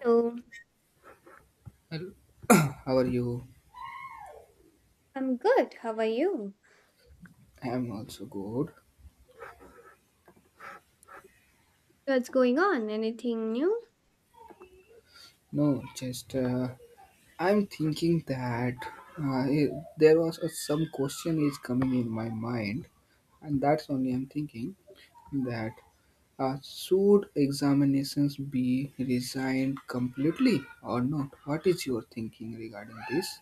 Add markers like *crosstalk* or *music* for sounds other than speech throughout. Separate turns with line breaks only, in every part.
Hello,
Well, how are you?
I'm good. How are you?
I'm also good.
What's going on? Anything new?
No, just I'm thinking that there was some question is coming in my mind, and that's only I'm thinking that should examinations be resigned completely or not? What is your thinking regarding this?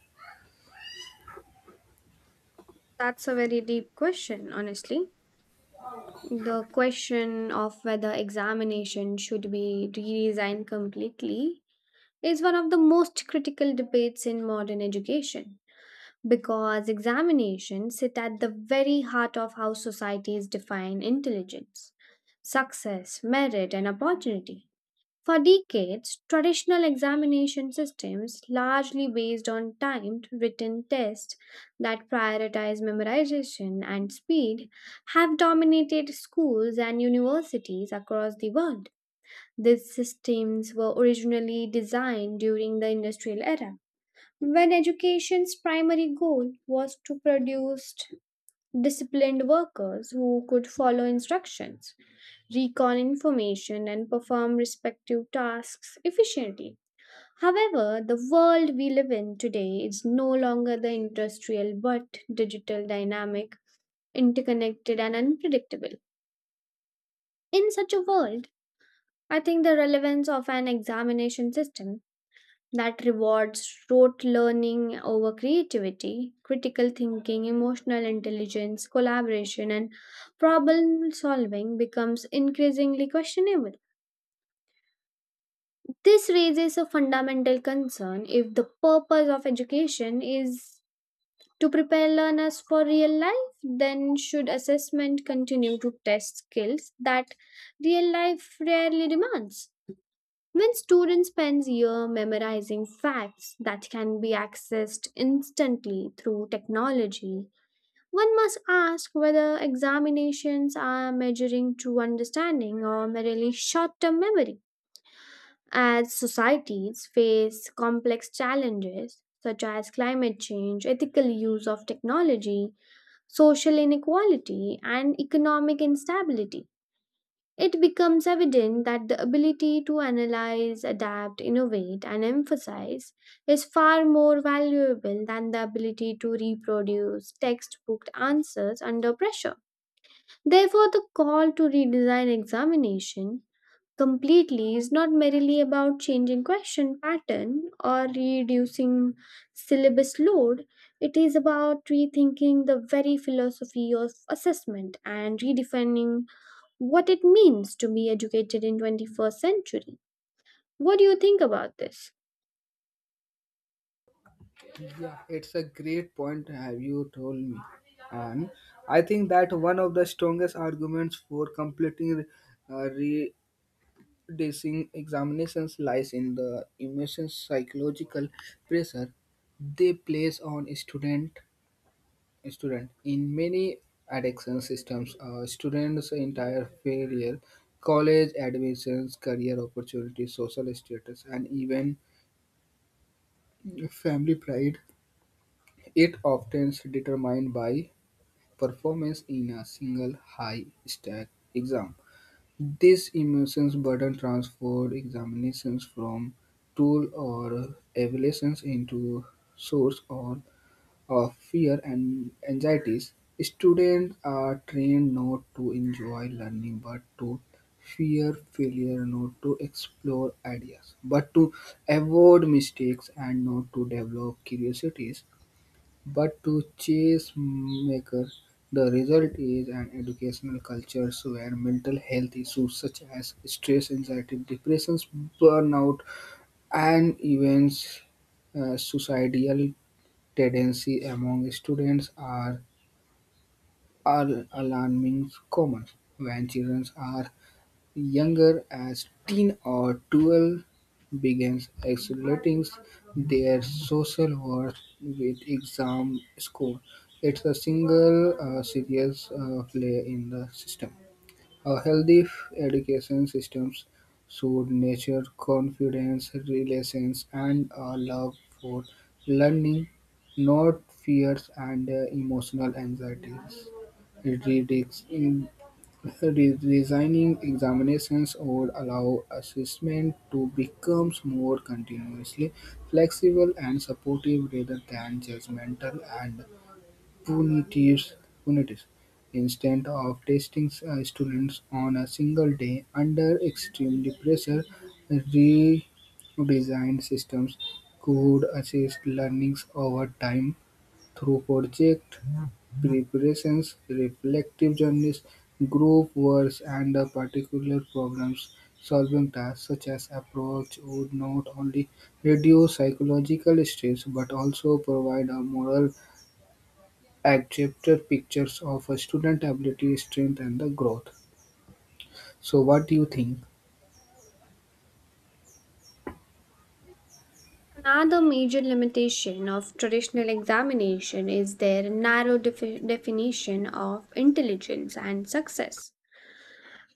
That's a very deep question, honestly. The question of whether examination should be redesigned completely is one of the most critical debates in modern education because examinations sit at the very heart of how societies define intelligence, success, merit, and opportunity. For decades, traditional examination systems, largely based on timed written tests that prioritize memorization and speed, have dominated schools and universities across the world. These systems were originally designed during the industrial era, when education's primary goal was to produce disciplined workers who could follow instructions recall information, and perform respective tasks efficiently. However, the world we live in today is no longer the industrial but digital dynamic, interconnected, and unpredictable. In such a world, I think the relevance of an examination system that rewards rote learning over creativity, critical thinking, emotional intelligence, collaboration, and problem solving becomes increasingly questionable. This raises a fundamental concern if the purpose of education is to prepare learners for real life, then should assessment continue to test skills that real life rarely demands? When students spend year memorizing facts that can be accessed instantly through technology, one must ask whether examinations are measuring true understanding or merely short-term memory. As societies face complex challenges such as climate change, ethical use of technology, social inequality, and economic instability, it becomes evident that the ability to analyze, adapt, innovate, and emphasize is far more valuable than the ability to reproduce textbook answers under pressure. Therefore, the call to redesign examination completely is not merely about changing question pattern or reducing syllabus load it is about rethinking the very philosophy of assessment and redefining what it means to be educated in 21st century. What do you think about this?
Yeah, it's a great point have you told me. And I think that one of the strongest arguments for completing uh, re- Dissing examinations lies in the immense psychological pressure they place on student in many addiction systems, a students entire failure, college admissions, career opportunities, social status, and even family pride, it often determined by performance in a single high stack exam. This emotions burden transform examinations from tool or evaluations into source or of fear and anxieties. Students are trained not to enjoy learning but to fear failure, not to explore ideas, but to avoid mistakes and not to develop curiosities. But to chessmakers, the result is an educational culture where mental health issues such as stress, anxiety, depression, burnout, and even suicidal tendency among students are alarming common. When children are younger as teen or 12, begins associating their social worth with exam score. It's a single serious flaw in the system. A education system should nurture confidence, relations, and a love for learning, not fears and emotional anxieties. It in- Redesigning examinations would allow assessment to become more continuously flexible and supportive rather than judgmental and punities. Instead of testing students on a single day under extreme pressure, redesigned systems could assist learnings over time through project preparations, reflective journals, group works, and particular problems solving tasks. Such as approach would not only reduce psychological stress but also provide a moral adjective pictures of a student ability, strength, and the growth. So, what do you think?
Another major limitation of traditional examination is their narrow definition of intelligence and success.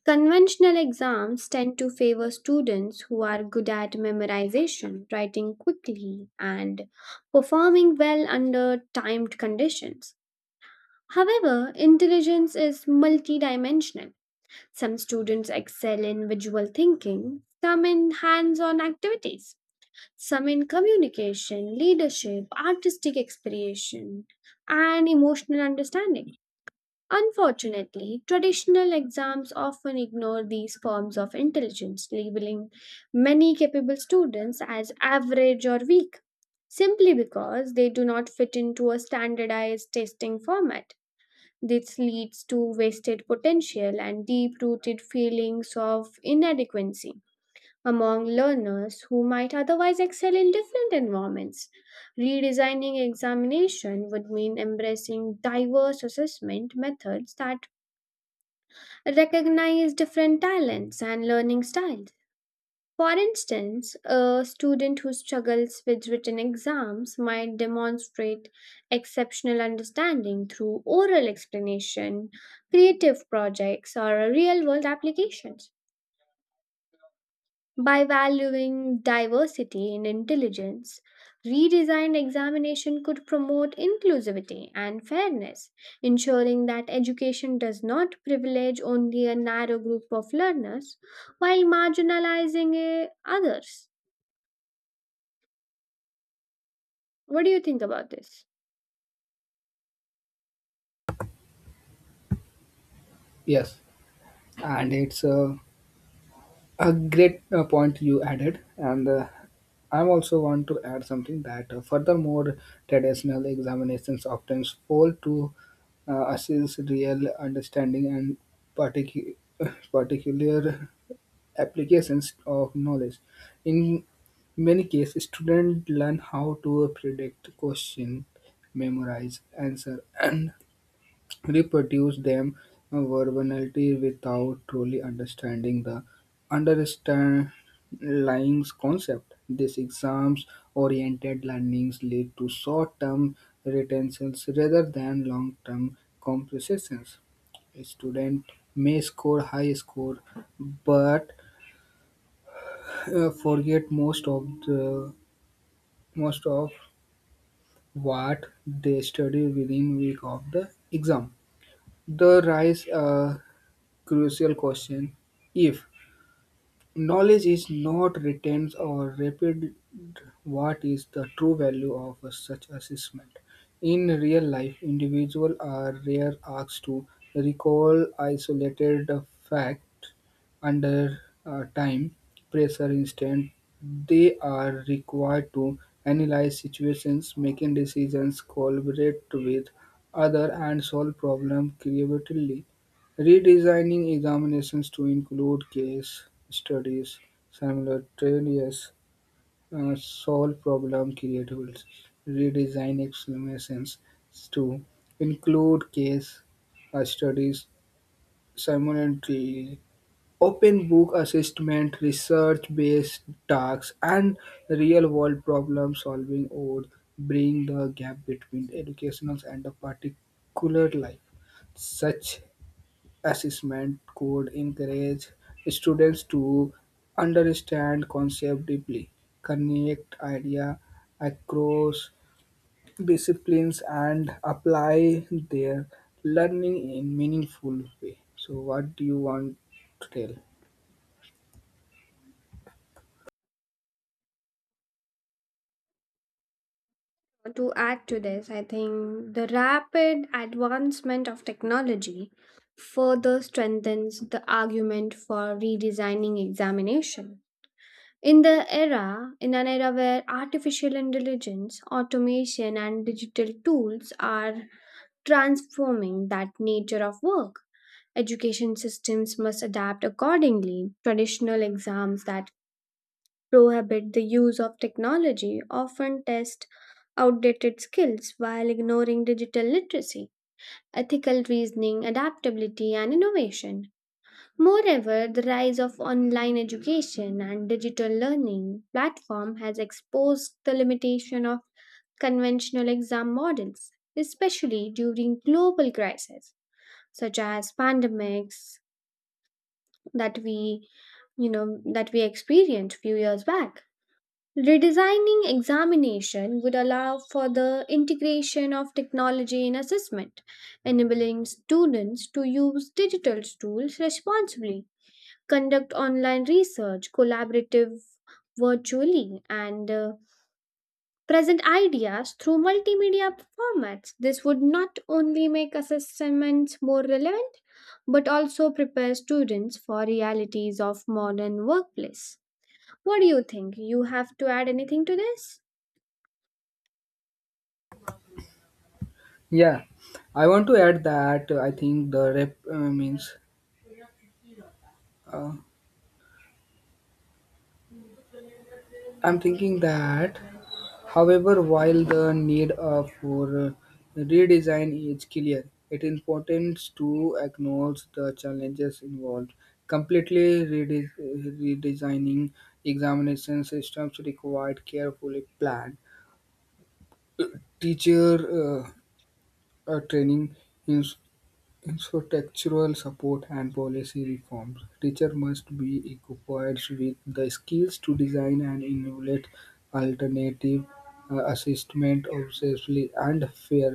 Conventional exams tend to favor students who are good at memorization, writing quickly, and performing well under timed conditions. However, intelligence is multidimensional. Some students excel in visual thinking, some in hands on activities, some in communication, leadership, artistic expression, and emotional understanding. Unfortunately, traditional exams often ignore these forms of intelligence, labeling many capable students as average or weak simply because they do not fit into a standardized testing format. This leads to wasted potential and deep rooted feelings of inadequacy among learners who might otherwise excel in different environments. Redesigning examination would mean embracing diverse assessment methods that recognize different talents and learning styles. For instance, a student who struggles with written exams might demonstrate exceptional understanding through oral explanation, creative projects, or real world applications. By valuing diversity in intelligence, redesigned examination could promote inclusivity and fairness, ensuring that education does not privilege only a narrow group of learners while marginalizing others. What do you think about this?
Yes, and a great point you added, and I also want to add something that furthermore, traditional examinations often fail to assess real understanding and particu- *laughs* particular applications of knowledge. In many cases, students learn how to predict question, memorize answer, and *clears throat* reproduce them verbally without truly understanding the underlying concept. These exams-oriented learnings lead to short-term retentions rather than long-term compensations. A student may score high score but forget most of what they study within week of the exam. The rise a crucial question: if knowledge is not retained or rapid. What is the true value of such assessment? In real life, individuals are rare asked to recall isolated facts under time pressure. Instead they are required to analyze situations, making decisions, collaborate with other, and solve problems creatively. Redesigning examinations to include case studies, simultaneous solve problem creatively. Redesign examinations to include case studies simultaneously. Open book assessment, research based tasks, and real world problem solving would bring the gap between educational and the particular life. Such assessment could encourage students to understand concepts deeply, connect ideas across disciplines, and apply their learning in meaningful way. So, what do you want to tell?
To add to this, I think the rapid advancement of technology further strengthens the argument for redesigning examination. In an era where artificial intelligence, automation, and digital tools are transforming that nature of work, education systems must adapt accordingly. Traditional exams that prohibit the use of technology often test outdated skills while ignoring digital literacy, ethical reasoning, adaptability, and innovation. Moreover, the rise of online education and digital learning platform has exposed the limitation of conventional exam models, especially during global crises such as pandemics that we that we experienced few years back. Redesigning examination would allow for the integration of technology in assessment, enabling students to use digital tools responsibly conduct online research, collaborative virtually, and present ideas through multimedia formats. This would not only make assessments more relevant, but also prepare students for realities of modern workplace. What do you think? You have to add anything to this?
Yeah, I want to add that uh, I'm thinking that however, while the need of for redesign is clear, it is important to acknowledge the challenges involved. Completely redesigning examination systems required carefully planned teacher training, infrastructural support, and policy reforms. Teachers must be equipped with the skills to design and innovate alternative assessment obsessively and fair.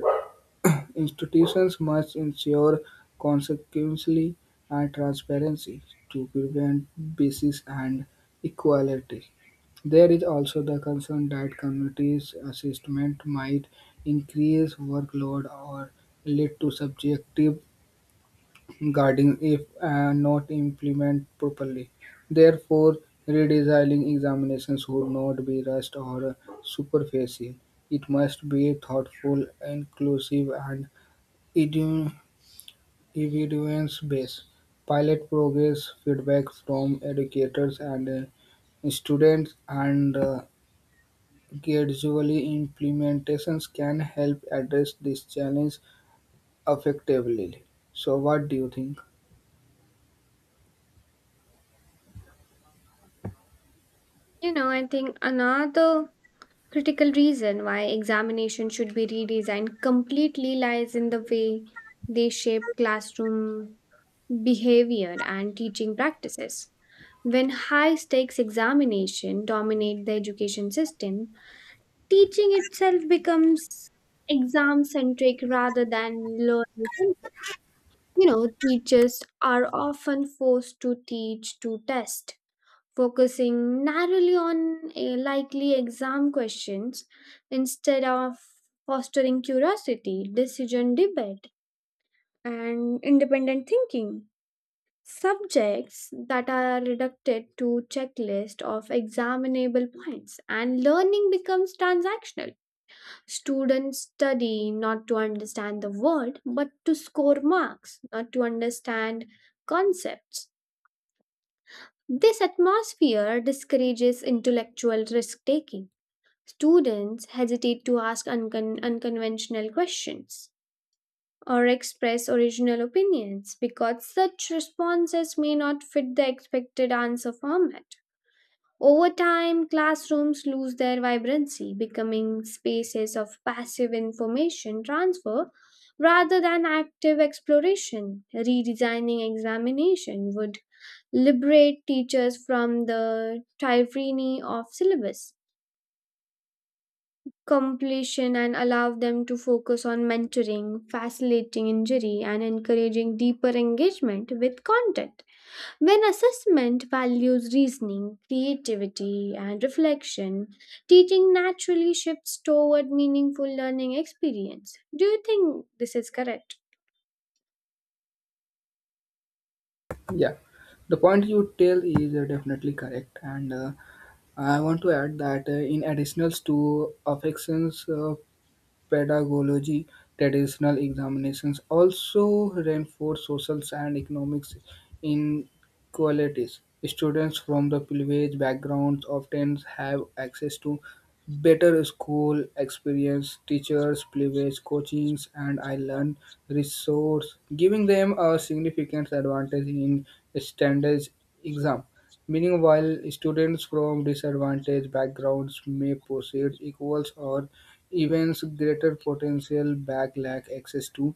*clears throat* Institutions must ensure consequently and transparency to prevent biases and equality. There is also the concern that communities' assessment might increase workload or lead to subjective guarding if not implemented properly. Therefore, redesigning examinations should not be rushed or superficial. It must be thoughtful, inclusive, and evidence based. Pilot progress feedback from educators and students and gradually implementations can help address this challenge effectively. So, what do you think?
You know, I think another critical reason why examination should be redesigned completely lies in the way they shape classroom behavior, and teaching practices. When high stakes examination dominate the education system, teaching itself becomes exam centric rather than learning centric. You know, teachers are often forced to teach to test, focusing narrowly on likely exam questions instead of fostering curiosity, decision debate, and independent thinking subjects that are reducted to checklist of examinable points and learning becomes transactional students study not to understand the world but to score marks not to understand concepts this atmosphere discourages intellectual risk taking students hesitate to ask unconventional questions or express original opinions because such responses may not fit the expected answer format. Over time, classrooms lose their vibrancy, becoming spaces of passive information transfer rather than active exploration. Redesigning examination would liberate teachers from the tyranny of syllabus completion and allow them to focus on mentoring, facilitating injury, and encouraging deeper engagement with content. When assessment values reasoning, creativity, and reflection, teaching naturally shifts toward meaningful learning experience. Do you think this is correct?
Yeah, the point you tell is definitely correct, and I want to add that in additions to affections, pedagogy, traditional examinations also reinforce social and economic inequalities. Students from the privileged backgrounds often have access to better school experience, teachers, privileged coachings, and I learn resource, giving them a significant advantage in standards exam. Meanwhile, students from disadvantaged backgrounds may proceed equals or events greater potential back lack access to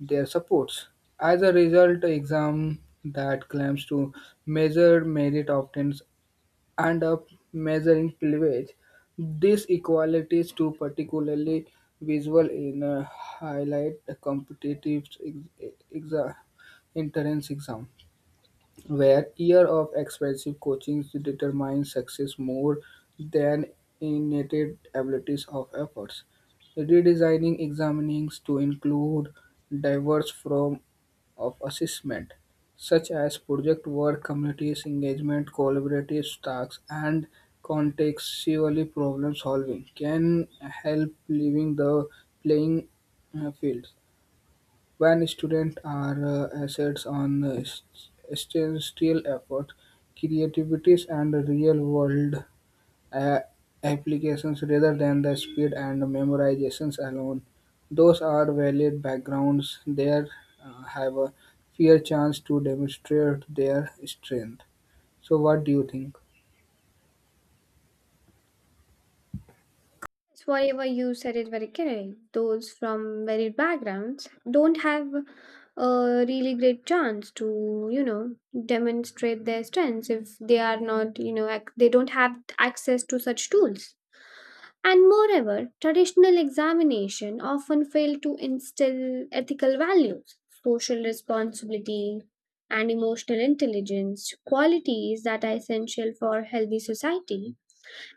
their supports. As a result, exam that claims to measure merit often end up measuring privilege. These equalities to particularly visual in a highlight competitive entrance exam, where year of expensive coaching determines success more than innate abilities of efforts. Redesigning examinings to include diverse forms of assessment, such as project work, communities engagement, collaborative tasks, and contextually problem solving, can help leaving the playing field. When students are assets on statistical effort, creativities, and real-world uh, applications rather than the speed and memorizations alone, those are valid backgrounds. They have a fair chance to demonstrate their strength. So, what do you think?
It's whatever you said it very correct. Those from varied backgrounds don't have a really great chance to, you know, demonstrate their strengths if they are not, you know, they don't have access to such tools. And moreover, traditional examination often fail to instill ethical values, social responsibility, and emotional intelligence, qualities that are essential for healthy society.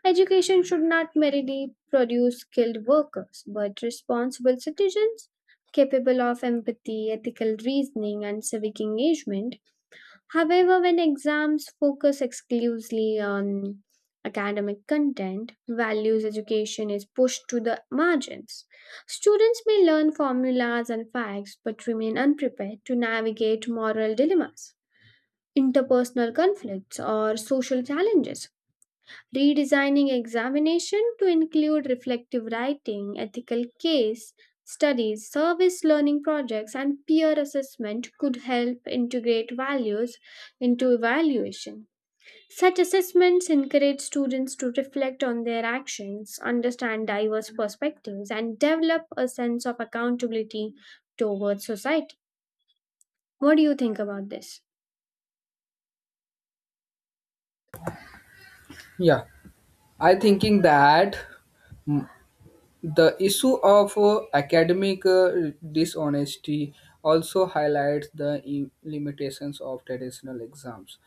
Education should not merely produce skilled workers, but responsible citizens capable of empathy, ethical reasoning, and civic engagement. However, when exams focus exclusively on academic content, values education is pushed to the margins. Students may learn formulas and facts but remain unprepared to navigate moral dilemmas, interpersonal conflicts, or social challenges redesigning examination to include reflective writing, ethical case studies, service learning projects, and peer assessment could help integrate values into evaluation. Such assessments encourage students to reflect on their actions, understand diverse perspectives, and develop a sense of accountability towards society. What do you think about this?
Yeah, I thinking that. mm, The issue of academic dishonesty also highlights the limitations of traditional exams.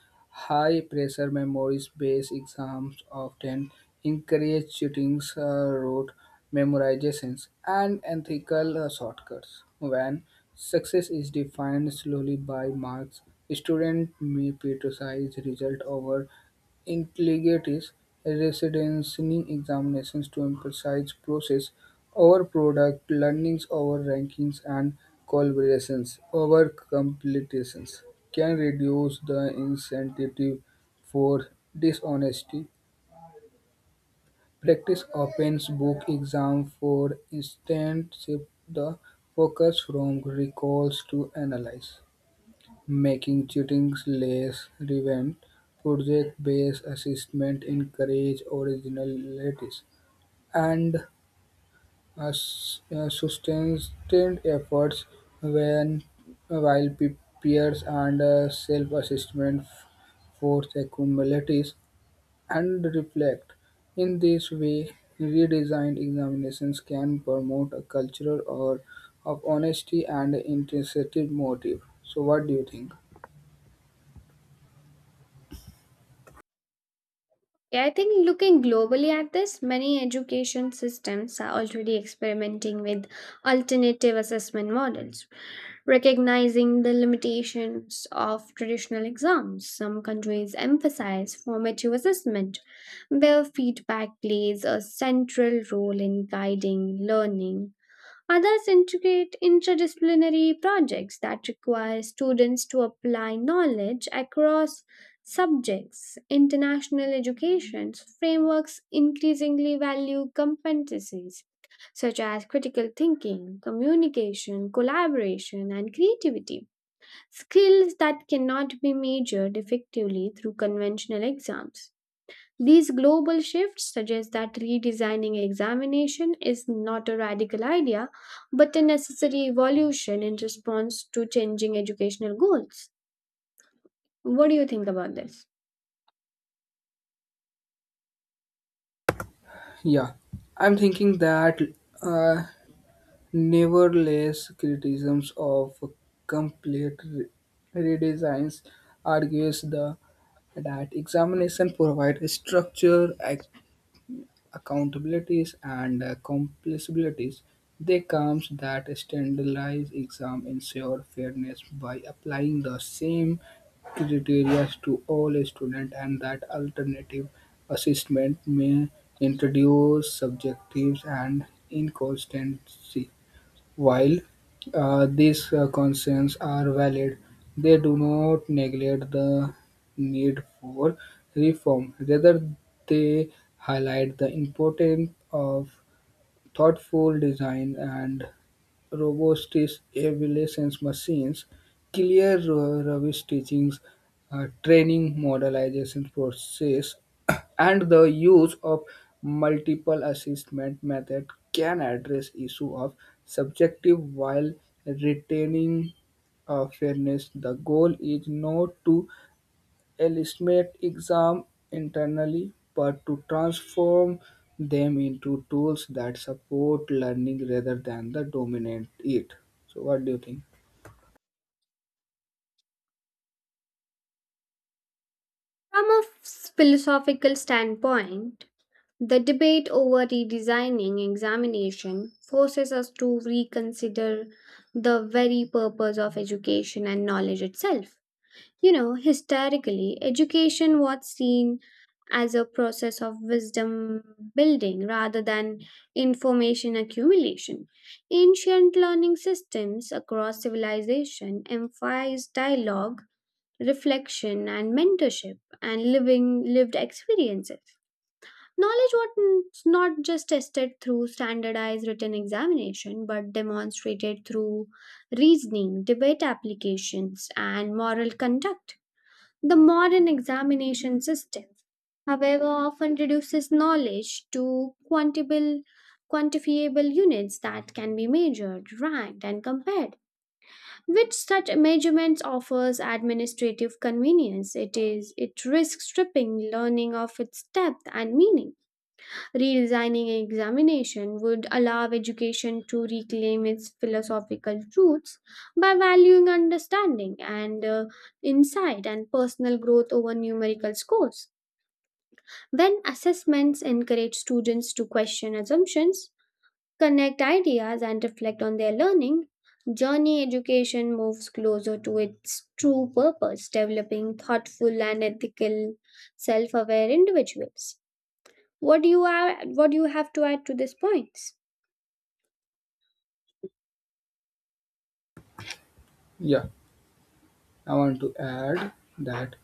High pressure memories based exams often encourage cheating, rote memorizations, and ethical shortcuts. When success is defined solely by marks, students may prioritize result over intelligent reasoning examinations to emphasize process over product, learnings over rankings, and collaborations over completions, can reduce the incentive for dishonesty. Practice opens book exam, for instance, shift the focus from recalls to analyze. Making cheating less relevant, project-based assessment encourages originality and sustained efforts when while peers and self-assessment force accumulates and reflect. In this way, redesigned examinations can promote a culture or of honesty and intrinsic motive. So, what do you think?
Yeah, I think looking globally at this, many education systems are already experimenting with alternative assessment models, recognizing the limitations of traditional exams. Some countries emphasize formative assessment, where feedback plays a central role in guiding learning. Others integrate interdisciplinary projects that require students to apply knowledge across subjects. International education's frameworks increasingly value competencies such as critical thinking, communication, collaboration, and creativity, skills that cannot be measured effectively through conventional exams. These global shifts suggest that redesigning examination is not a radical idea, but a necessary evolution in response to changing educational goals. What do you think about this?
Yeah, I'm thinking that uh, nevertheless, criticisms of complete redesigns argues the that examination provide a structure accountabilities and accomplishabilities. They comes that standardized exam ensure fairness by applying the same criteria to all students and that alternative assessment may introduce subjectives and inconsistency. While these concerns are valid, they do not neglect the need for reform. Rather, they highlight the importance of thoughtful design and robotics evaluations machines, clear rubbish teachings, training modelization process, *coughs* and the use of multiple assessment method can address issue of subjective while retaining fairness. The goal is not to a exam internally, but to transform them into tools that support learning rather than the dominate it. So, what do you think?
From a philosophical standpoint, the debate over redesigning examination forces us to reconsider the very purpose of education and knowledge itself. You know, historically, education was seen as a process of wisdom building rather than information accumulation. Ancient learning systems across civilization emphasized dialogue, reflection, and mentorship, and living lived experiences. Knowledge was not just tested through standardized written examination, but demonstrated through reasoning, debate applications, and moral conduct. The modern examination system, however, often reduces knowledge to quantifiable units that can be measured, ranked, and compared. With such measurements offers administrative convenience, it risks stripping learning of its depth and meaning. Redesigning an examination would allow education to reclaim its philosophical roots by valuing understanding and insight and personal growth over numerical scores. When assessments encourage students to question assumptions, connect ideas, and reflect on their learning, journey education moves closer to its true purpose, developing thoughtful and ethical, self aware individuals. What do you have to add to these points?
Yeah, I want to add that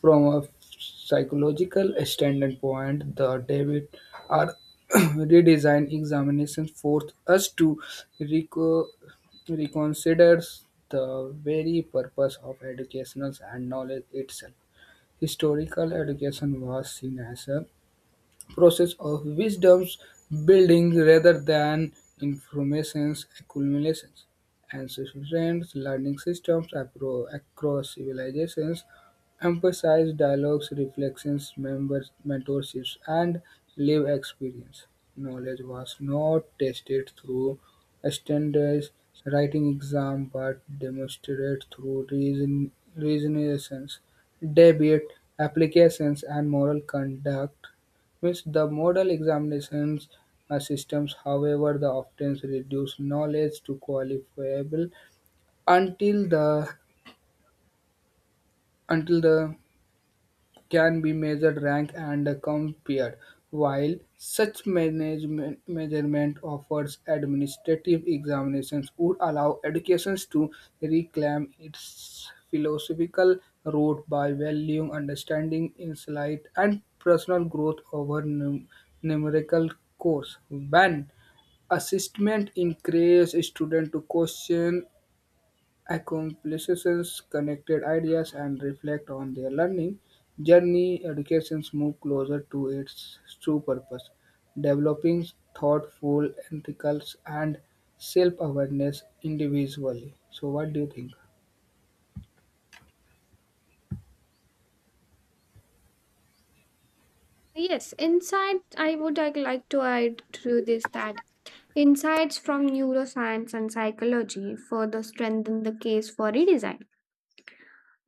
from a psychological standpoint, the David are *coughs* *clears throat* redesign examinations force us to reco- reconsider the very purpose of educational and knowledge itself. Historical education was seen as a process of wisdom's building rather than information's accumulation. Ancient learning systems across civilizations emphasize dialogues, reflections, members, mentorships, and lived experience. Knowledge was not tested through a standardized writing exam but demonstrated through reasons, debate, applications, and moral conduct with the model examination systems, however, the often reduce knowledge to qualifiable until the until the can be measured, ranked, and compared. While such management measurement offers administrative examinations would allow educations to reclaim its philosophical root by valuing understanding, insight, and personal growth over numerical course. When assessment encourages students to question accomplishments, connected ideas, and reflect on their learning journey. Education moves closer to its true purpose, developing thoughtful, ethical, and self-awareness individually. So, what do you think?
Yes, insight I would like to add to this that insights from neuroscience and psychology further strengthen the case for redesign.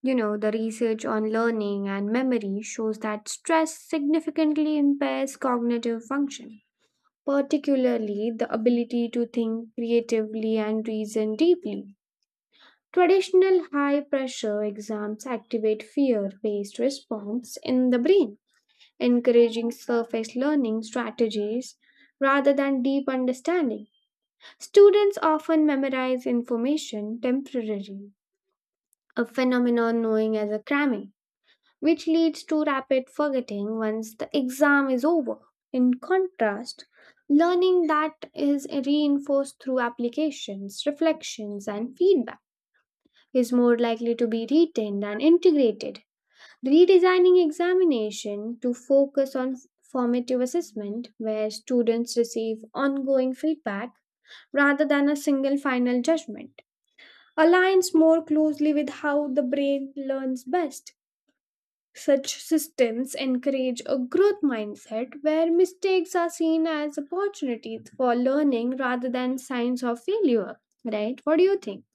You know, the research on learning and memory shows that stress significantly impairs cognitive function, particularly the ability to think creatively and reason deeply. Traditional high pressure exams activate fear based response in the brain encouraging surface learning strategies rather than deep understanding. Students often memorize information temporarily, a phenomenon known as a cramming, which leads to rapid forgetting once the exam is over. In contrast, learning that is reinforced through applications, reflections, and feedback is more likely to be retained and integrated. Redesigning examination to focus on formative assessment where students receive ongoing feedback rather than a single final judgment aligns more closely with how the brain learns best. Such systems encourage a growth mindset where mistakes are seen as opportunities for learning rather than signs of failure, right? What do you think?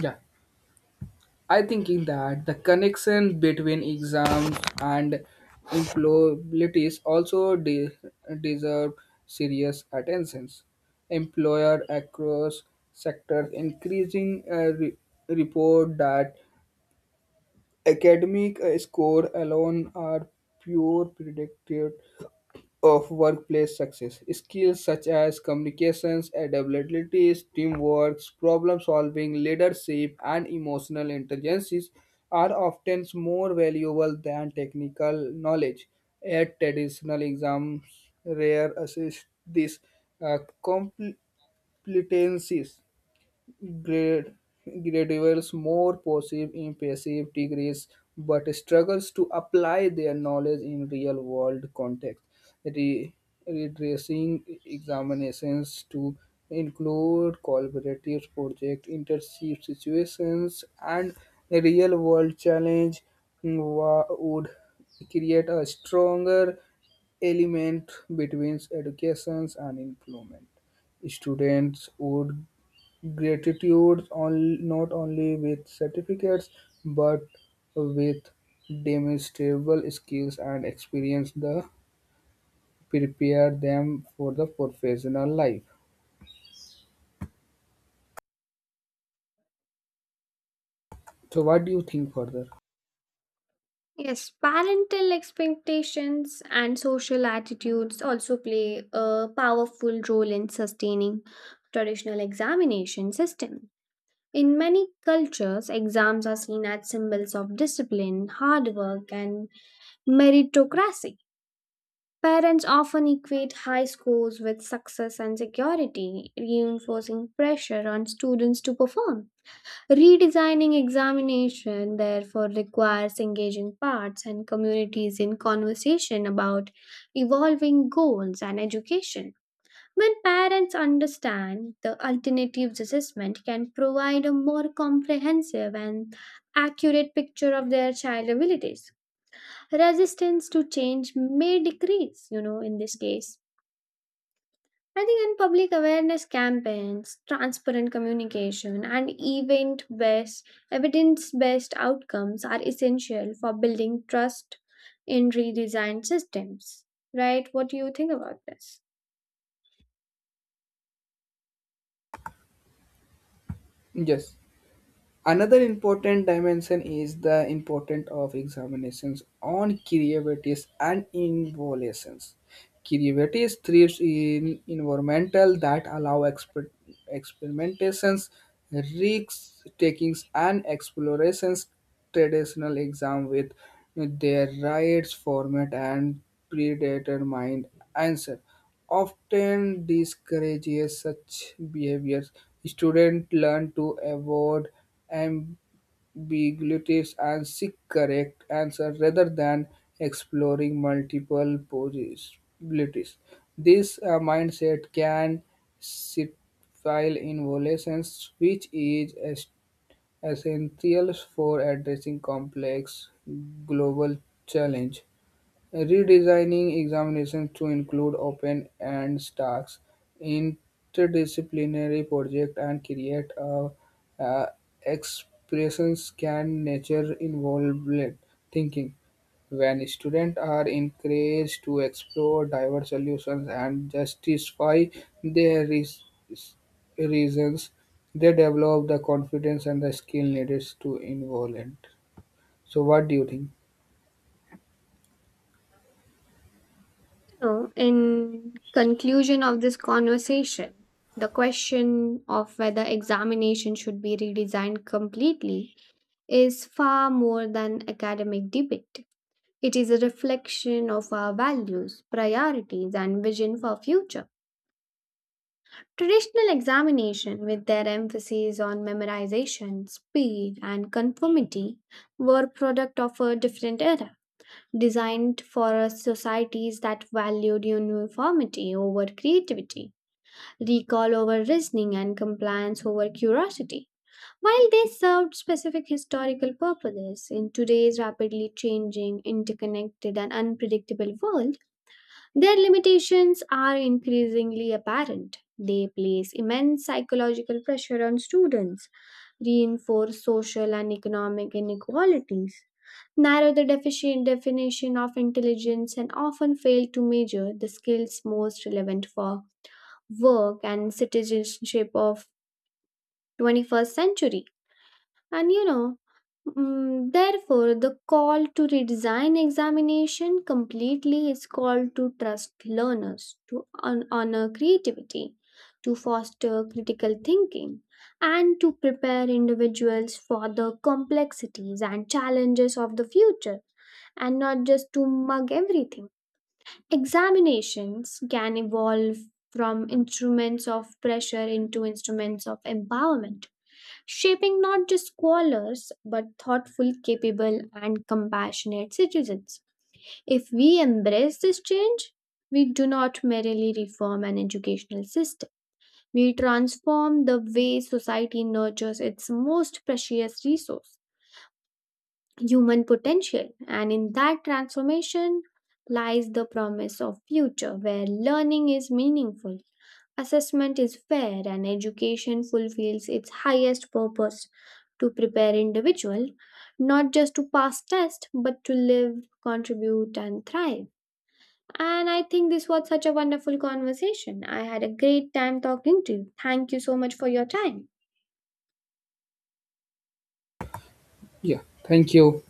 Yeah, I thinking that the connection between exams and employabilities also deserve serious attentions. Employer across sectors increasing report that academic score alone are pure predictor of workplace success. Skills such as communications, adaptabilities, teamwork, problem solving, leadership, and emotional intelligences are often more valuable than technical knowledge. At traditional exams, rare assess these uh, competencies grad- graduates more passive in passive degrees but struggles to apply their knowledge in real world context. Re- Redressing examinations to include collaborative project, internship situations, and real world challenge would create a stronger element between educations and employment. Students would gratitude on, not only with certificates but with demonstrable skills and experience that prepare them for the professional life. So, what do you think further?
Yes, parental expectations and social attitudes also play a powerful role in sustaining traditional examination system. In many cultures, exams are seen as symbols of discipline, hard work, and meritocracy. Parents often equate high scores with success and security, reinforcing pressure on students to perform. Redesigning examination therefore requires engaging parts and communities in conversation about evolving goals and education. When parents understand the alternatives assessment can provide a more comprehensive and accurate picture of their child abilities. Resistance to change may decrease, you know, in this case. I think in public awareness campaigns, transparent communication, and event based, evidence based outcomes are essential for building trust in redesigned systems. Right? What do you think about this?
Yes. Another important dimension is the importance of examinations on creativities and innovations. Creativity thrives in environmental that allow experimentations, risks takings, and explorations. Traditional exam with their rights format and predetermined answer often discourages such behaviors. Students learn to avoid ambiguity beagletests and seek correct answer rather than exploring multiple possibilities. This mindset can stifle innovations, which is essential for addressing complex global challenge redesigning examinations to include open and tasks, interdisciplinary projects, and create a uh, expressions can nature involvement thinking. When students are encouraged to explore diverse solutions and justify their reasons, they develop the confidence and the skill needed to involve it. So, what do you think?
You know, in conclusion of this conversation, the question of whether examination should be redesigned completely is far more than academic debate. It is a reflection of our values, priorities, and vision for future. Traditional examination, with their emphasis on memorization, speed, and conformity, were product of a different era, designed for a societies that valued uniformity over creativity, recall over reasoning, and compliance over curiosity. While they served specific historical purposes in today's rapidly changing, interconnected, and unpredictable world, their limitations are increasingly apparent. They place immense psychological pressure on students, reinforce social and economic inequalities, narrow the deficient definition of intelligence, and often fail to measure the skills most relevant for work and citizenship of 21st century And therefore, the call to redesign examination completely is called to trust learners, to honor creativity, to foster critical thinking, and to prepare individuals for the complexities and challenges of the future, and not just to mug everything. Examinations can evolve from instruments of pressure into instruments of empowerment, shaping not just scholars but thoughtful, capable, and compassionate citizens. If we embrace this change, we do not merely reform an educational system, we transform the way society nurtures its most precious resource human potential and in that transformation lies the promise of future where learning is meaningful assessment is fair and education fulfills its highest purpose to prepare individual not just to pass test but to live contribute and thrive. And I think this was such a wonderful conversation. I had a great time talking to you. Thank you so much for your time.
Yeah, thank you.